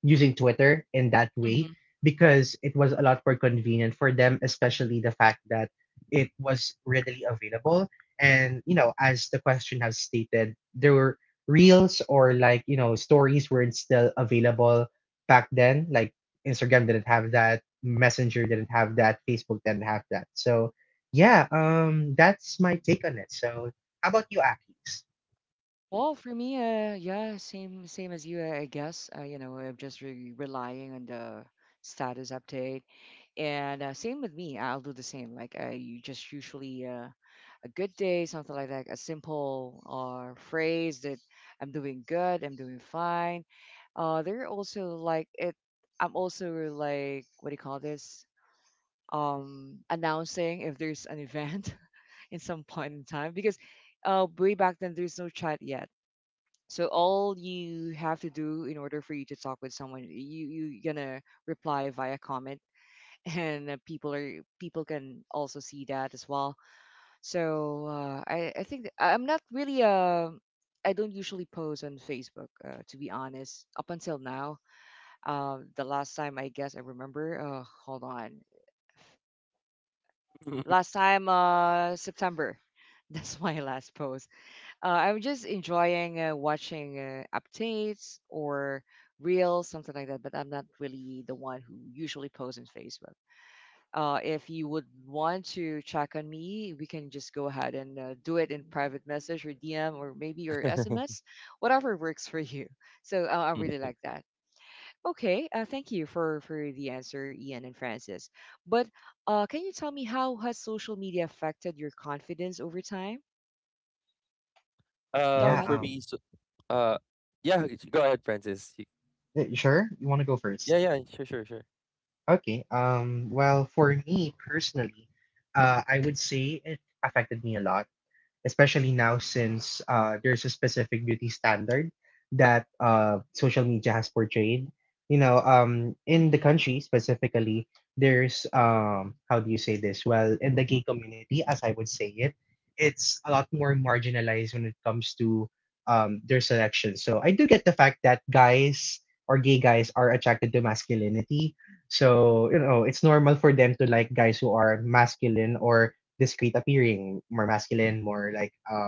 using Twitter in that way
Hmm.
because it was a lot more convenient for them, especially the fact that it was readily available. And, as the question has stated, there were reels or like, stories weren't still available back then. Like Instagram didn't have that, Messenger didn't have that, Facebook didn't have that. So yeah, that's my take on it. So how about you, Akis?
Well, for me, yeah, same as you, I guess. You know, I'm just re relying on the status update, and same with me. I'll do the same. Like I you just usually a good day, something like that, a simple phrase that I'm doing good, I'm doing fine. They're also like it. I'm also like, what do you call this? Announcing if there's an event in some point in time because way back then there's no chat yet. So all you have to do in order for you to talk with someone, you gonna reply via comment, and people can also see that as well. So I think I'm not really I don't usually post on Facebook, to be honest. Up until now, the last time I guess I remember. Hold on. Last time September. That's my last post. I'm just enjoying watching updates or reels, something like that. But I'm not really the one who usually posts on Facebook. If you would want to check on me, we can just go ahead and do it in private message or DM or maybe your SMS, whatever works for you. So I really like that. Okay, thank you for the answer, Ian and Francis. But can you tell me how has social media affected your confidence over time? Go
Yeah,
ahead.
For me, so, uh, yeah, go ahead, Francis.
sure. You wanna go
Yeah,
first?
yeah, sure, sure, sure.
Okay. Well, for me personally, I would say it affected me a lot, especially now since there's a specific beauty standard that social media has portrayed. You know, in the
Mm-hmm.
country specifically, there's how do you say this? Well, in the gay community, as I would say it, it's a lot more marginalized when it comes to their selection. So I do get the fact that guys or gay guys are attracted to masculinity. So you know, it's normal for them to like guys who are masculine or discreet appearing, more masculine, more like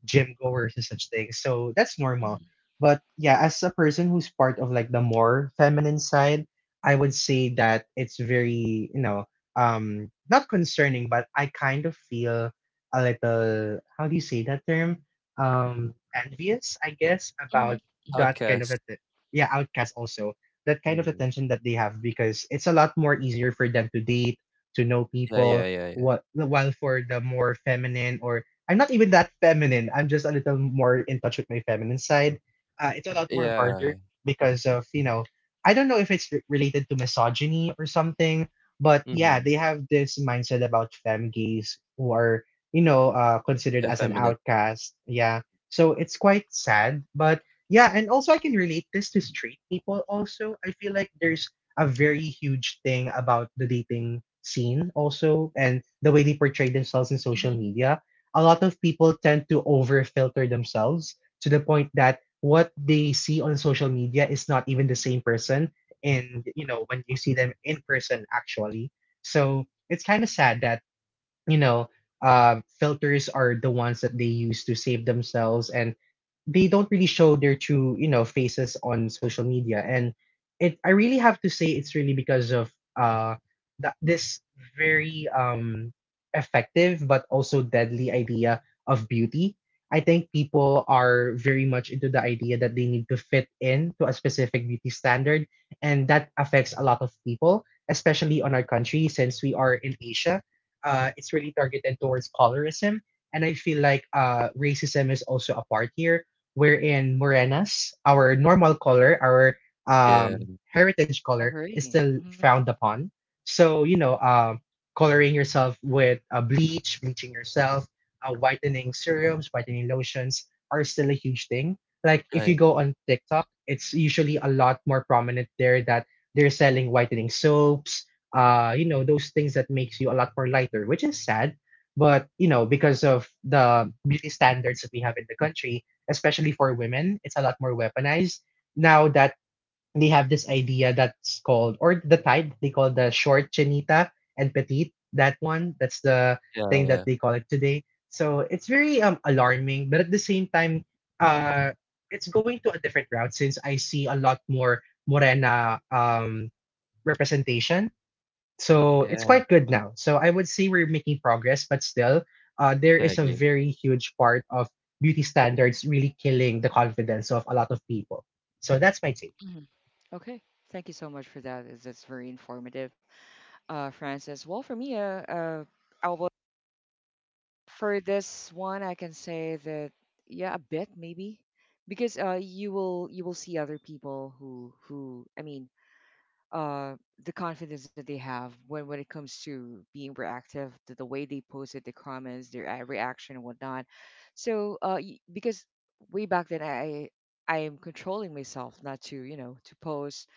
gym goers and such things. So that's normal.
Mm-hmm.
But yeah, as a person who's part of like the more feminine side, I would say that it's very, not concerning, but I kind of feel a little, how do you say that term? Envious, I guess, about
Mm-hmm.
that kind of a,
Outcast.
yeah, outcast also. That kind of
Mm.
attention that they have because it's a lot more easier for them to date, to know
Yeah, yeah,
people.
yeah, yeah.
What While for the more feminine, or I'm not even that feminine, I'm just a little more in touch with my feminine side. It's a lot more harder
Yeah.
because of, I don't know if it's related to misogyny or something, but
Mm-hmm.
yeah, they have this mindset about femme gays who are considered as an
Effeminate.
outcast. Yeah. So it's quite sad. But yeah, and also I can relate this to straight people also. I feel like there's a very huge thing about the dating scene also and the way they portray themselves in social
Mm-hmm.
media. A lot of people tend to over filter themselves to the point that what they see on social media is not even the same person, and when you see them in person actually, so it's kind of sad that you know, uh, filters are the ones that they use to save themselves, and they don't really show their true faces on social media. And, I really have to say, it's really because of, uh, that this very effective but also deadly idea of beauty. I think people are very much into the idea that they need to fit in to a specific beauty standard, and that affects a lot of people, especially on our country, since we are in Asia, it's really targeted towards colorism. And I feel like racism is also a part here, wherein morenas, our normal color, our
Yeah.
heritage
I
color, is
agree.
still frowned upon. So, you know, coloring yourself with, bleaching yourself, whitening serums, whitening lotions are still a huge thing. Like if you
Right.
go on TikTok, it's usually a lot more prominent there that they're selling whitening soaps, those things that makes you a lot more lighter, which is sad. But you know, because of the beauty standards that we have in the country, especially for women, it's a lot more weaponized now that they have this idea that's called, or the type they call, the short chinita and petite. That one, that's the
Yeah,
thing
yeah.
that they call it today. So it's very alarming, but at the same time, uh, it's going to a different route since I see a lot more morena representation, so it's
Yeah.
quite good now. So I would say we're making progress, but still, there
Yeah, I
is a
agree.
very huge part of beauty standards really killing the confidence of a lot of people. So that's my take.
Mm-hmm. Okay, thank you so much for that. It's- That's very informative, Francis. Well, for me, uh, I will for this one, I can say that yeah, a bit maybe, because you will see other people who I mean uh, the confidence that they have when it comes to being reactive, the way they posted the comments, their reaction and whatnot. So because way back then I am controlling myself not to, you know, to post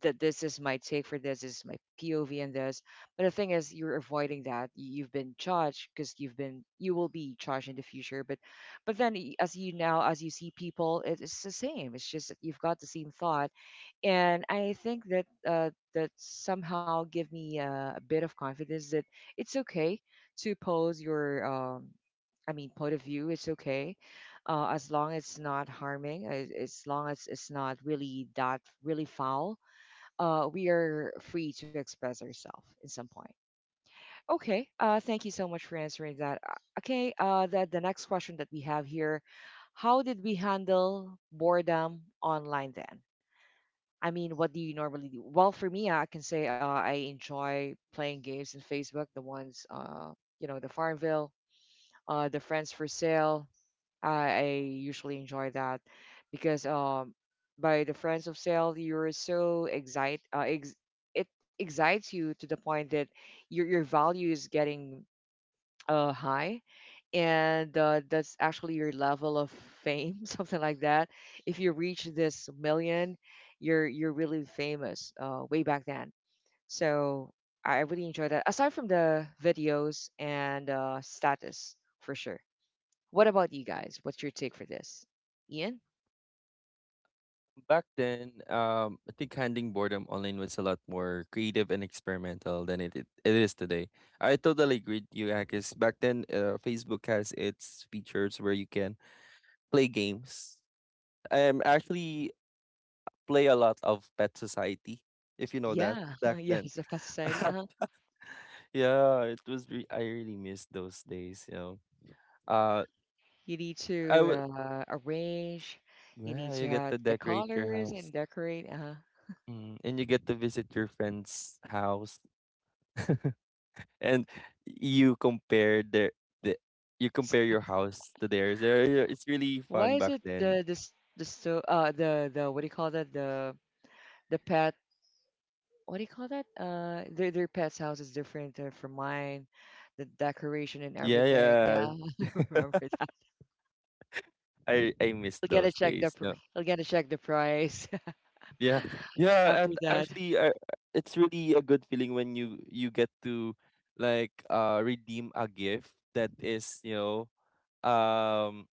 that this is my take for this, this is my POV and this. But the thing is, you're avoiding that. You've been judged because you will be judged in the future. But then as you now as you see people, it's the same. It's just that you've got the same thought and I think that that somehow give me a bit of confidence that it's okay to pose your I mean point of view. It's okay as long as it's not harming, as long as it's not really that really foul. We are free to express ourselves in some point. Okay, thank you so much for answering that. Okay, the next question that we have here, how did we handle boredom online then? I mean, what do you normally do? Well, for me, I can say I enjoy playing games in Facebook, the ones, you know, the Farmville, the Friends for Sale. I usually enjoy that because by the Friends of Sale, you're so excited. It excites you to the point that your value is getting high and that's actually your level of fame something like that if you reach this million you're really famous way back then, so I really enjoy that aside from the videos and status for sure. What about you guys, what's your take for this, Ian?
Back then, I think handling boredom online was a lot more creative and experimental than it is today. I totally agree with you, Akis. Back then, Facebook has its features where you can play games, actually play a lot of Pet Society, if you know that
Yeah.
back
Yeah,
then.
it's a fast society, uh-huh.
I really miss those days, you know. Uh
You need
I
to
would
arrange, you need
Yeah,
to
you get
have
to
the
decorate your
colors
house.
and decorate, uh-huh.
Mm, and you get to visit your friend's house, and you compare their the you compare your house to theirs. Yeah, yeah, it's really
Why
fun
is
back
it
then.
the this the so the what do you call that, the pet, what do you call that, their pet's house is different from mine, the decoration and
Yeah,
everything.
yeah.
Yeah, I remember that.
I miss
I'll get to
those
check the
days.
pr- I'll get to check the price
Yeah, yeah, and
after that.
actually, it's really a good feeling when you get to like redeem a gift that is, um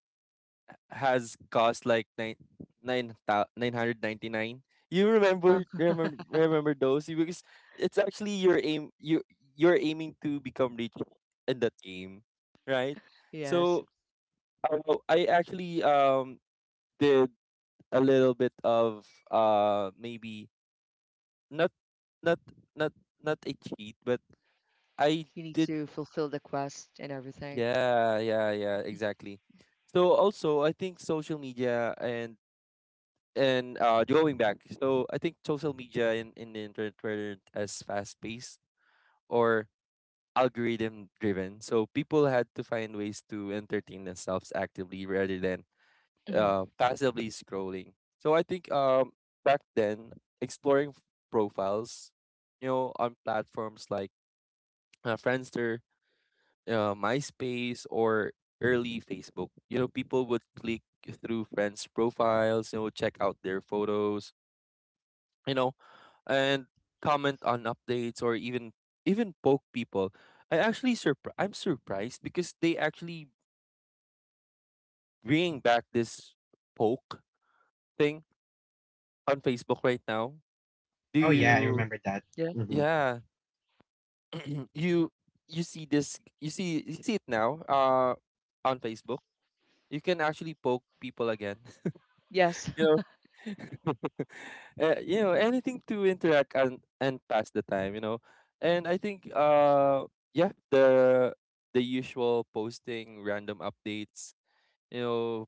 has cost like nine nine hundred ninety nine. You remember
Uh,
remember remember those. Because it's actually your aim, you're aiming to become rich in that game, right?
yes,
So I actually did a little bit of maybe not not not not a cheat, but I
you need
did.
to fulfill the quest and everything.
Yeah, yeah, yeah, exactly. So also I think social media and going back, so I think social media in the internet were as fast paced or algorithm driven. So people had to find ways to entertain themselves actively rather than
Hmm.
passively scrolling. So I think, back then, exploring profiles, you know, on platforms like Friendster, MySpace, or early Facebook. You know, people would click through friends' profiles, check out their photos, you know, and comment on updates, or even poke people. I'm surprised because they actually bringing back this poke thing on Facebook right now. Do
Oh
Hmm.
yeah, I
you
remember that.
Yeah.
Mhm.
Yeah. you you see it now on Facebook. You can actually poke people again.
Yes.
you know anything to interact and pass the time. And I think, yeah the usual posting random updates, you know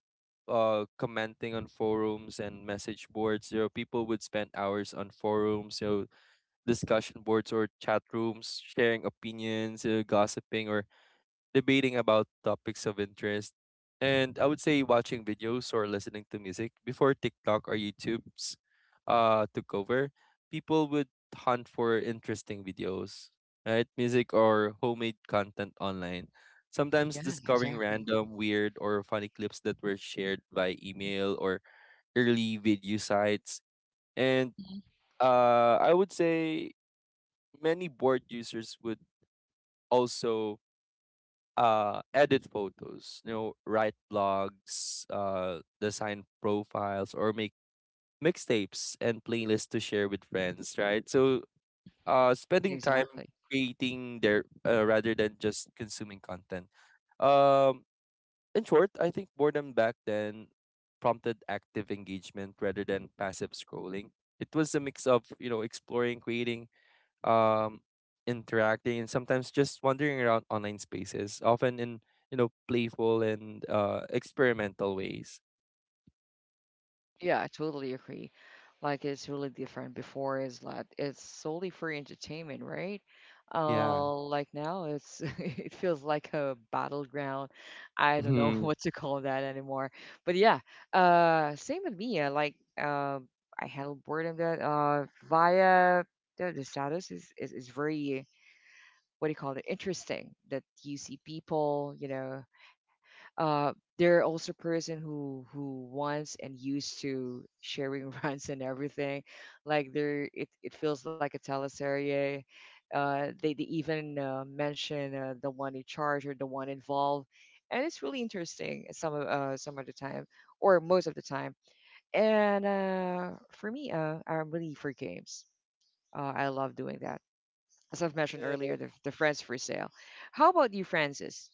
commenting on forums and message boards. People would spend hours on forums, discussion boards, or chat rooms sharing opinions, gossiping, or debating about topics of interest, and I would say watching videos or listening to music before TikTok or YouTube's took over. People would hunt for interesting videos, right? Music or homemade content online. Sometimes
Yeah.
discovering
Exactly.
random, weird, or funny clips that were shared by email or early video sites. And I would say many board users would also edit photos, write blogs, design profiles, or make mixtapes and playlists to share with friends, right? So, spending time
Exactly.
creating their, rather than just consuming content. um in short, I think boredom back then prompted active engagement rather than passive scrolling. It was a mix of, exploring, creating, um interacting, and sometimes just wandering around online spaces, often in, playful and experimental ways.
Yeah, I totally agree. Like it's really different. Before is like it's solely for entertainment, right?
Yeah.
Like now it's it feels like a battleground. I don't know
Mhm.
what to call that anymore. But yeah, same with me. Like I handle boredom that via the status is very what do you call it? Interesting that you see people, you know, uh, they're also person who wants and used to sharing runs and everything like they're it feels like a teleserie, they even mention the one in charge or the one involved and it's really interesting some of the time or most of the time, and for me I'm really for games, I love doing that as I've mentioned
Yeah,
earlier, the friends for sale. How about you, Francis?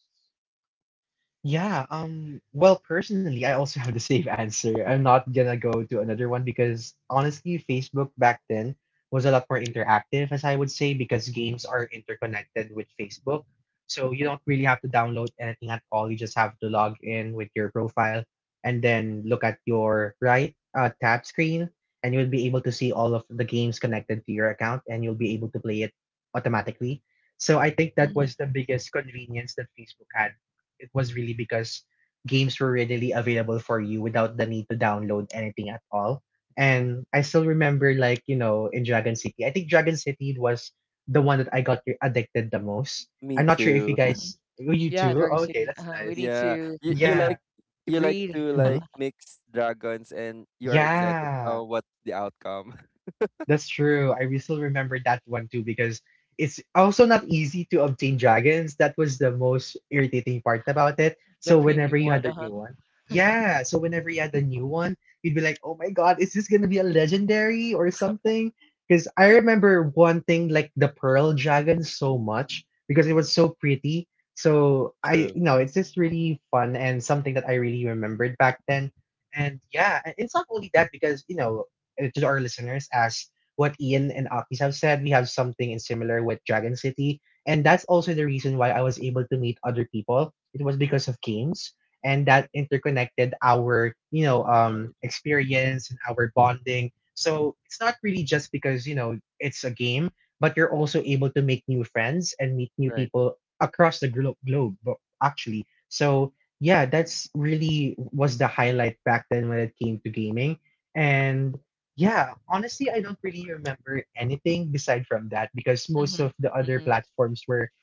Yeah, well, personally, I also have the same answer. I'm not gonna go to another one because, honestly, Facebook back then was a lot more interactive, as I would say, because games are interconnected with Facebook. So you don't really have to download anything at all. You just have to log in with your profile and then look at your right, tap screen, and you'll be able to see all of the games connected to your account, and you'll be able to play it automatically. So I think that
Mhm.
was the biggest convenience that Facebook had. It was really because games were readily available for you without the need to download anything at all. And I still remember, like, in Dragon City. I think Dragon City was the one that I got addicted the most.
me
I'm not sure if
too.
you guys, you
Yeah,
too.
Dragon
Okay,
City.
that's
Uh-huh.
nice.
We need
Yeah,
to
Yeah.
you like
read
to
Hmm.
like mix dragons and you are excited
Yeah.
what the outcome.
That's true. I still remember that one too, because it's also not easy to obtain dragons. That was the most irritating part about it. So
the
whenever
premium
you had
one.
a new
Uh-huh.
one, yeah. So whenever you had a new one, you'd be like, "Oh my god, is this gonna be a legendary or something?" Because I remember wanting like the pearl dragon so much because it was so pretty. So,
True.
it's just really fun and something that I really remembered back then. And yeah, and it's not only that because to our listeners, as what Ian and Akis have said, we have something in similar with Dragon City. And that's also the reason why I was able to meet other people. It was because of games, and that interconnected our
Right.
experience and our bonding. So it's not really just because it's a game, but you're also able to make new friends and meet new
Right.
people across the globe, actually. So yeah, that's really was the highlight back then when it came to gaming. And yeah, honestly, I don't really remember anything beside from that, because most of
Mm-hmm.
the other
Mm-hmm.
platforms were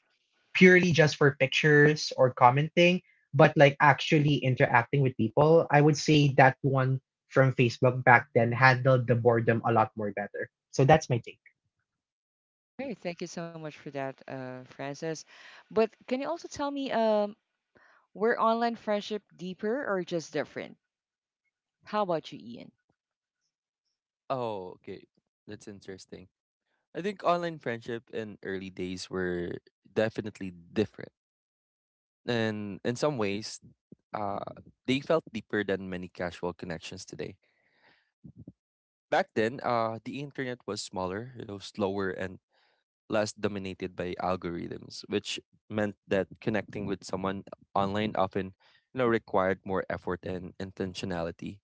purely just for pictures or commenting, but like actually interacting with people. I would say that one from Facebook back then handled the boredom a lot more better. So that's my take.
Great. Thank you so much for that, Francis. But can you also tell me, were online friendship deeper or just different? How about you, Ian?
Oh, okay, that's interesting. I think online friendship in early days were definitely different. And in some ways, uh, they felt deeper than many casual connections today. Back then, the internet was smaller, you know, slower and less dominated by algorithms, which meant that connecting with someone online often, you know, required more effort and intentionality.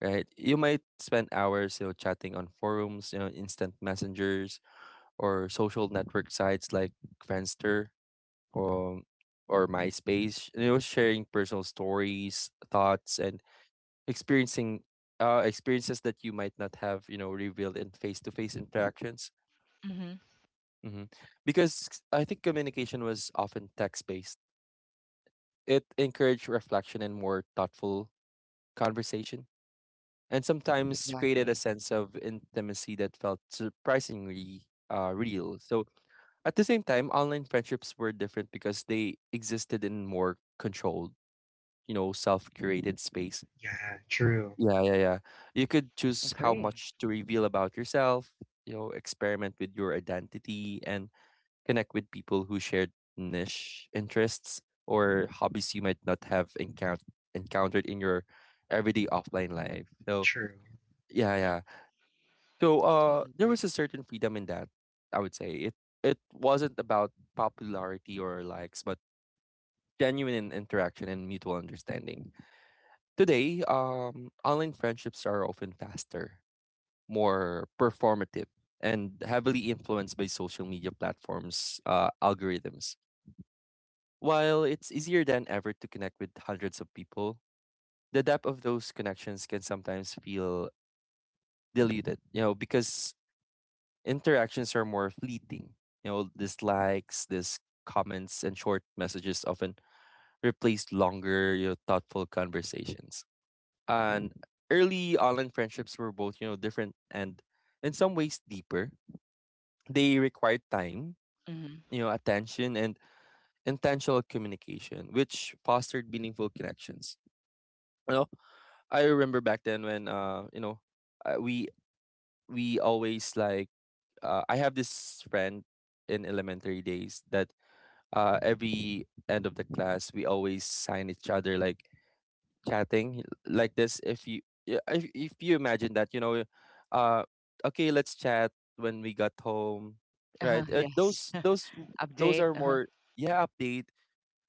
Right? You might spend hours, you know, chatting on forums, you know, instant messengers, or social network sites like Friendster, um, or MySpace. And it was sharing personal stories, thoughts, and experiencing experiences that you might not have, you know, revealed in face-to-face interactions.
Mm-hmm.
Hmm. Because I think communication was often text-based. It encouraged reflection and more thoughtful conversation, and sometimes created a
Exactly.
sense of intimacy that felt surprisingly real. So at the same time, online friendships were different because they existed in more controlled, you know, self-curated space.
Yeah, true,
Yeah, yeah, yeah. You could choose how
Agree.
much to reveal about yourself, you know, experiment with your identity, and connect with people who shared niche interests or hobbies you might not have encountered in your everyday offline life. So,
true.
yeah,
Mm.
yeah. So,
Totally
there
agree.
was a certain freedom in that, I would say. It wasn't about popularity or likes, but genuine interaction and mutual understanding. Today, online friendships are often faster, more performative, and heavily influenced by social media platforms' algorithms. While it's easier than ever to connect with hundreds of people, the depth of those connections can sometimes feel diluted, you know, because interactions are more fleeting. You know, dislikes, this comments, and short messages often replace longer, you know, thoughtful conversations. And early online friendships were both, you know, different and in some ways deeper. They required time,
Mm-hmm.
you know, attention and intentional communication, which fostered meaningful connections. You know, I remember back then when, uh, we we always like I have this friend in elementary days that, every end of the class, we always sign each other, like chatting like this, if you, yeah, if you imagine that, you know, uh okay, let's chat when we got home,
Uh-huh.
right? uh,
Yes.
those those
Update.
those are
Uh-huh.
more, yeah, update.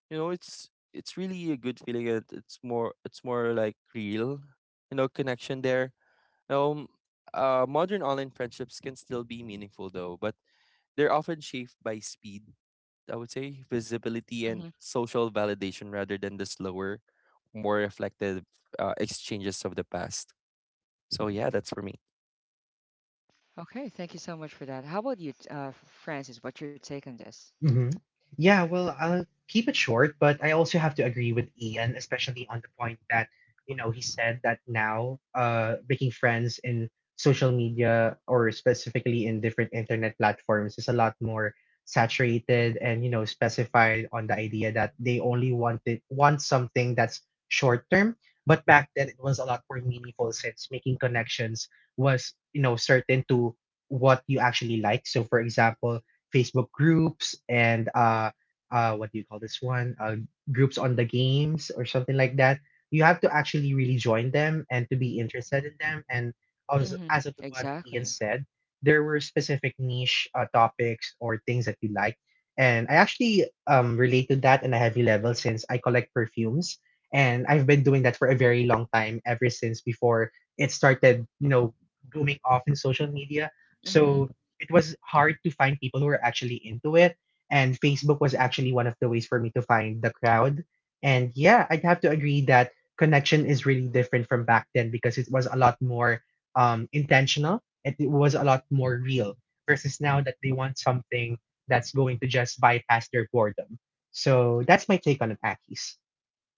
You know, it's really a good feeling. It's more, it's more like real, you know, connection there. um Modern online friendships can still be meaningful, though, but they're often shaped by speed, I would say, visibility,
Mm-hmm.
and social validation rather than the slower, more reflective exchanges of the past. So yeah, that's for me.
Okay. Thank you so much for that. How about you, Francis? What's your take on this?
Hmm. Yeah, well, I'll keep it short, but I also have to agree with Ian, especially on the point that, he said that now, making friends in social media, or specifically in different internet platforms, is a lot more saturated and, specified on the idea that they only want something that's short term. But back then it was a lot more meaningful, since making connections was certain to what you actually like. So, for example, Facebook groups and, what do you call this one? Groups on the games or something like that. You have to actually really join them and to be interested in them. And as
Mm-hmm.
as of what Ian
Exactly.
said, there were specific niche topics or things that you like. And I actually relate to that in a heavy level, since I collect perfumes. And I've been doing that for a very long time, ever since before it started booming off in social media.
Mm-hmm.
So it was hard to find people who were actually into it. And Facebook was actually one of the ways for me to find the crowd. And yeah, I'd have to agree that connection is really different from back then, because it was a lot more intentional and it was a lot more real versus now that they want something that's going to just bypass their boredom. So that's my take on it, Akis.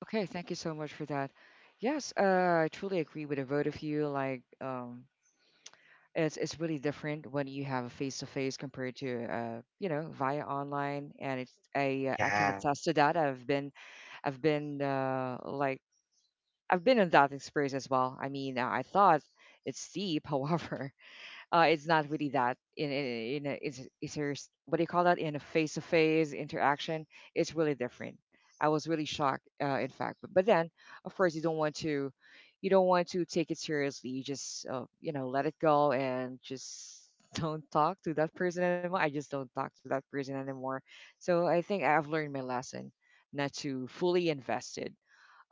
Okay, thank you so much for that. Yes, I truly agree with the both of you. Like, it's really different when you have a face to face compared to you know, via online, and it's I can
Yeah.
attest to that. I've been uh like I've been in that experience as well. I mean, I thought it's steep, however, it's not really that in a, it's your what do you call that in a face to face interaction. It's really different. I was really shocked, in fact. But then, of course, you don't want to take it seriously. You just, you know, let it go and just don't talk to that person anymore. I just don't talk to that person anymore. So I think I've learned my lesson not to fully invested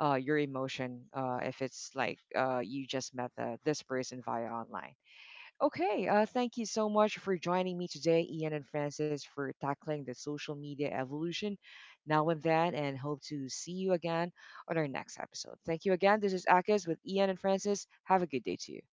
your emotion if it's like you just met this person via online. Okay, thank you so much for joining me today, Ian and Francis, for tackling the social media evolution now and then, and hope to see you again on our next episode. Thank you again. This is Akis with Ian and Francis. Have a good day to you.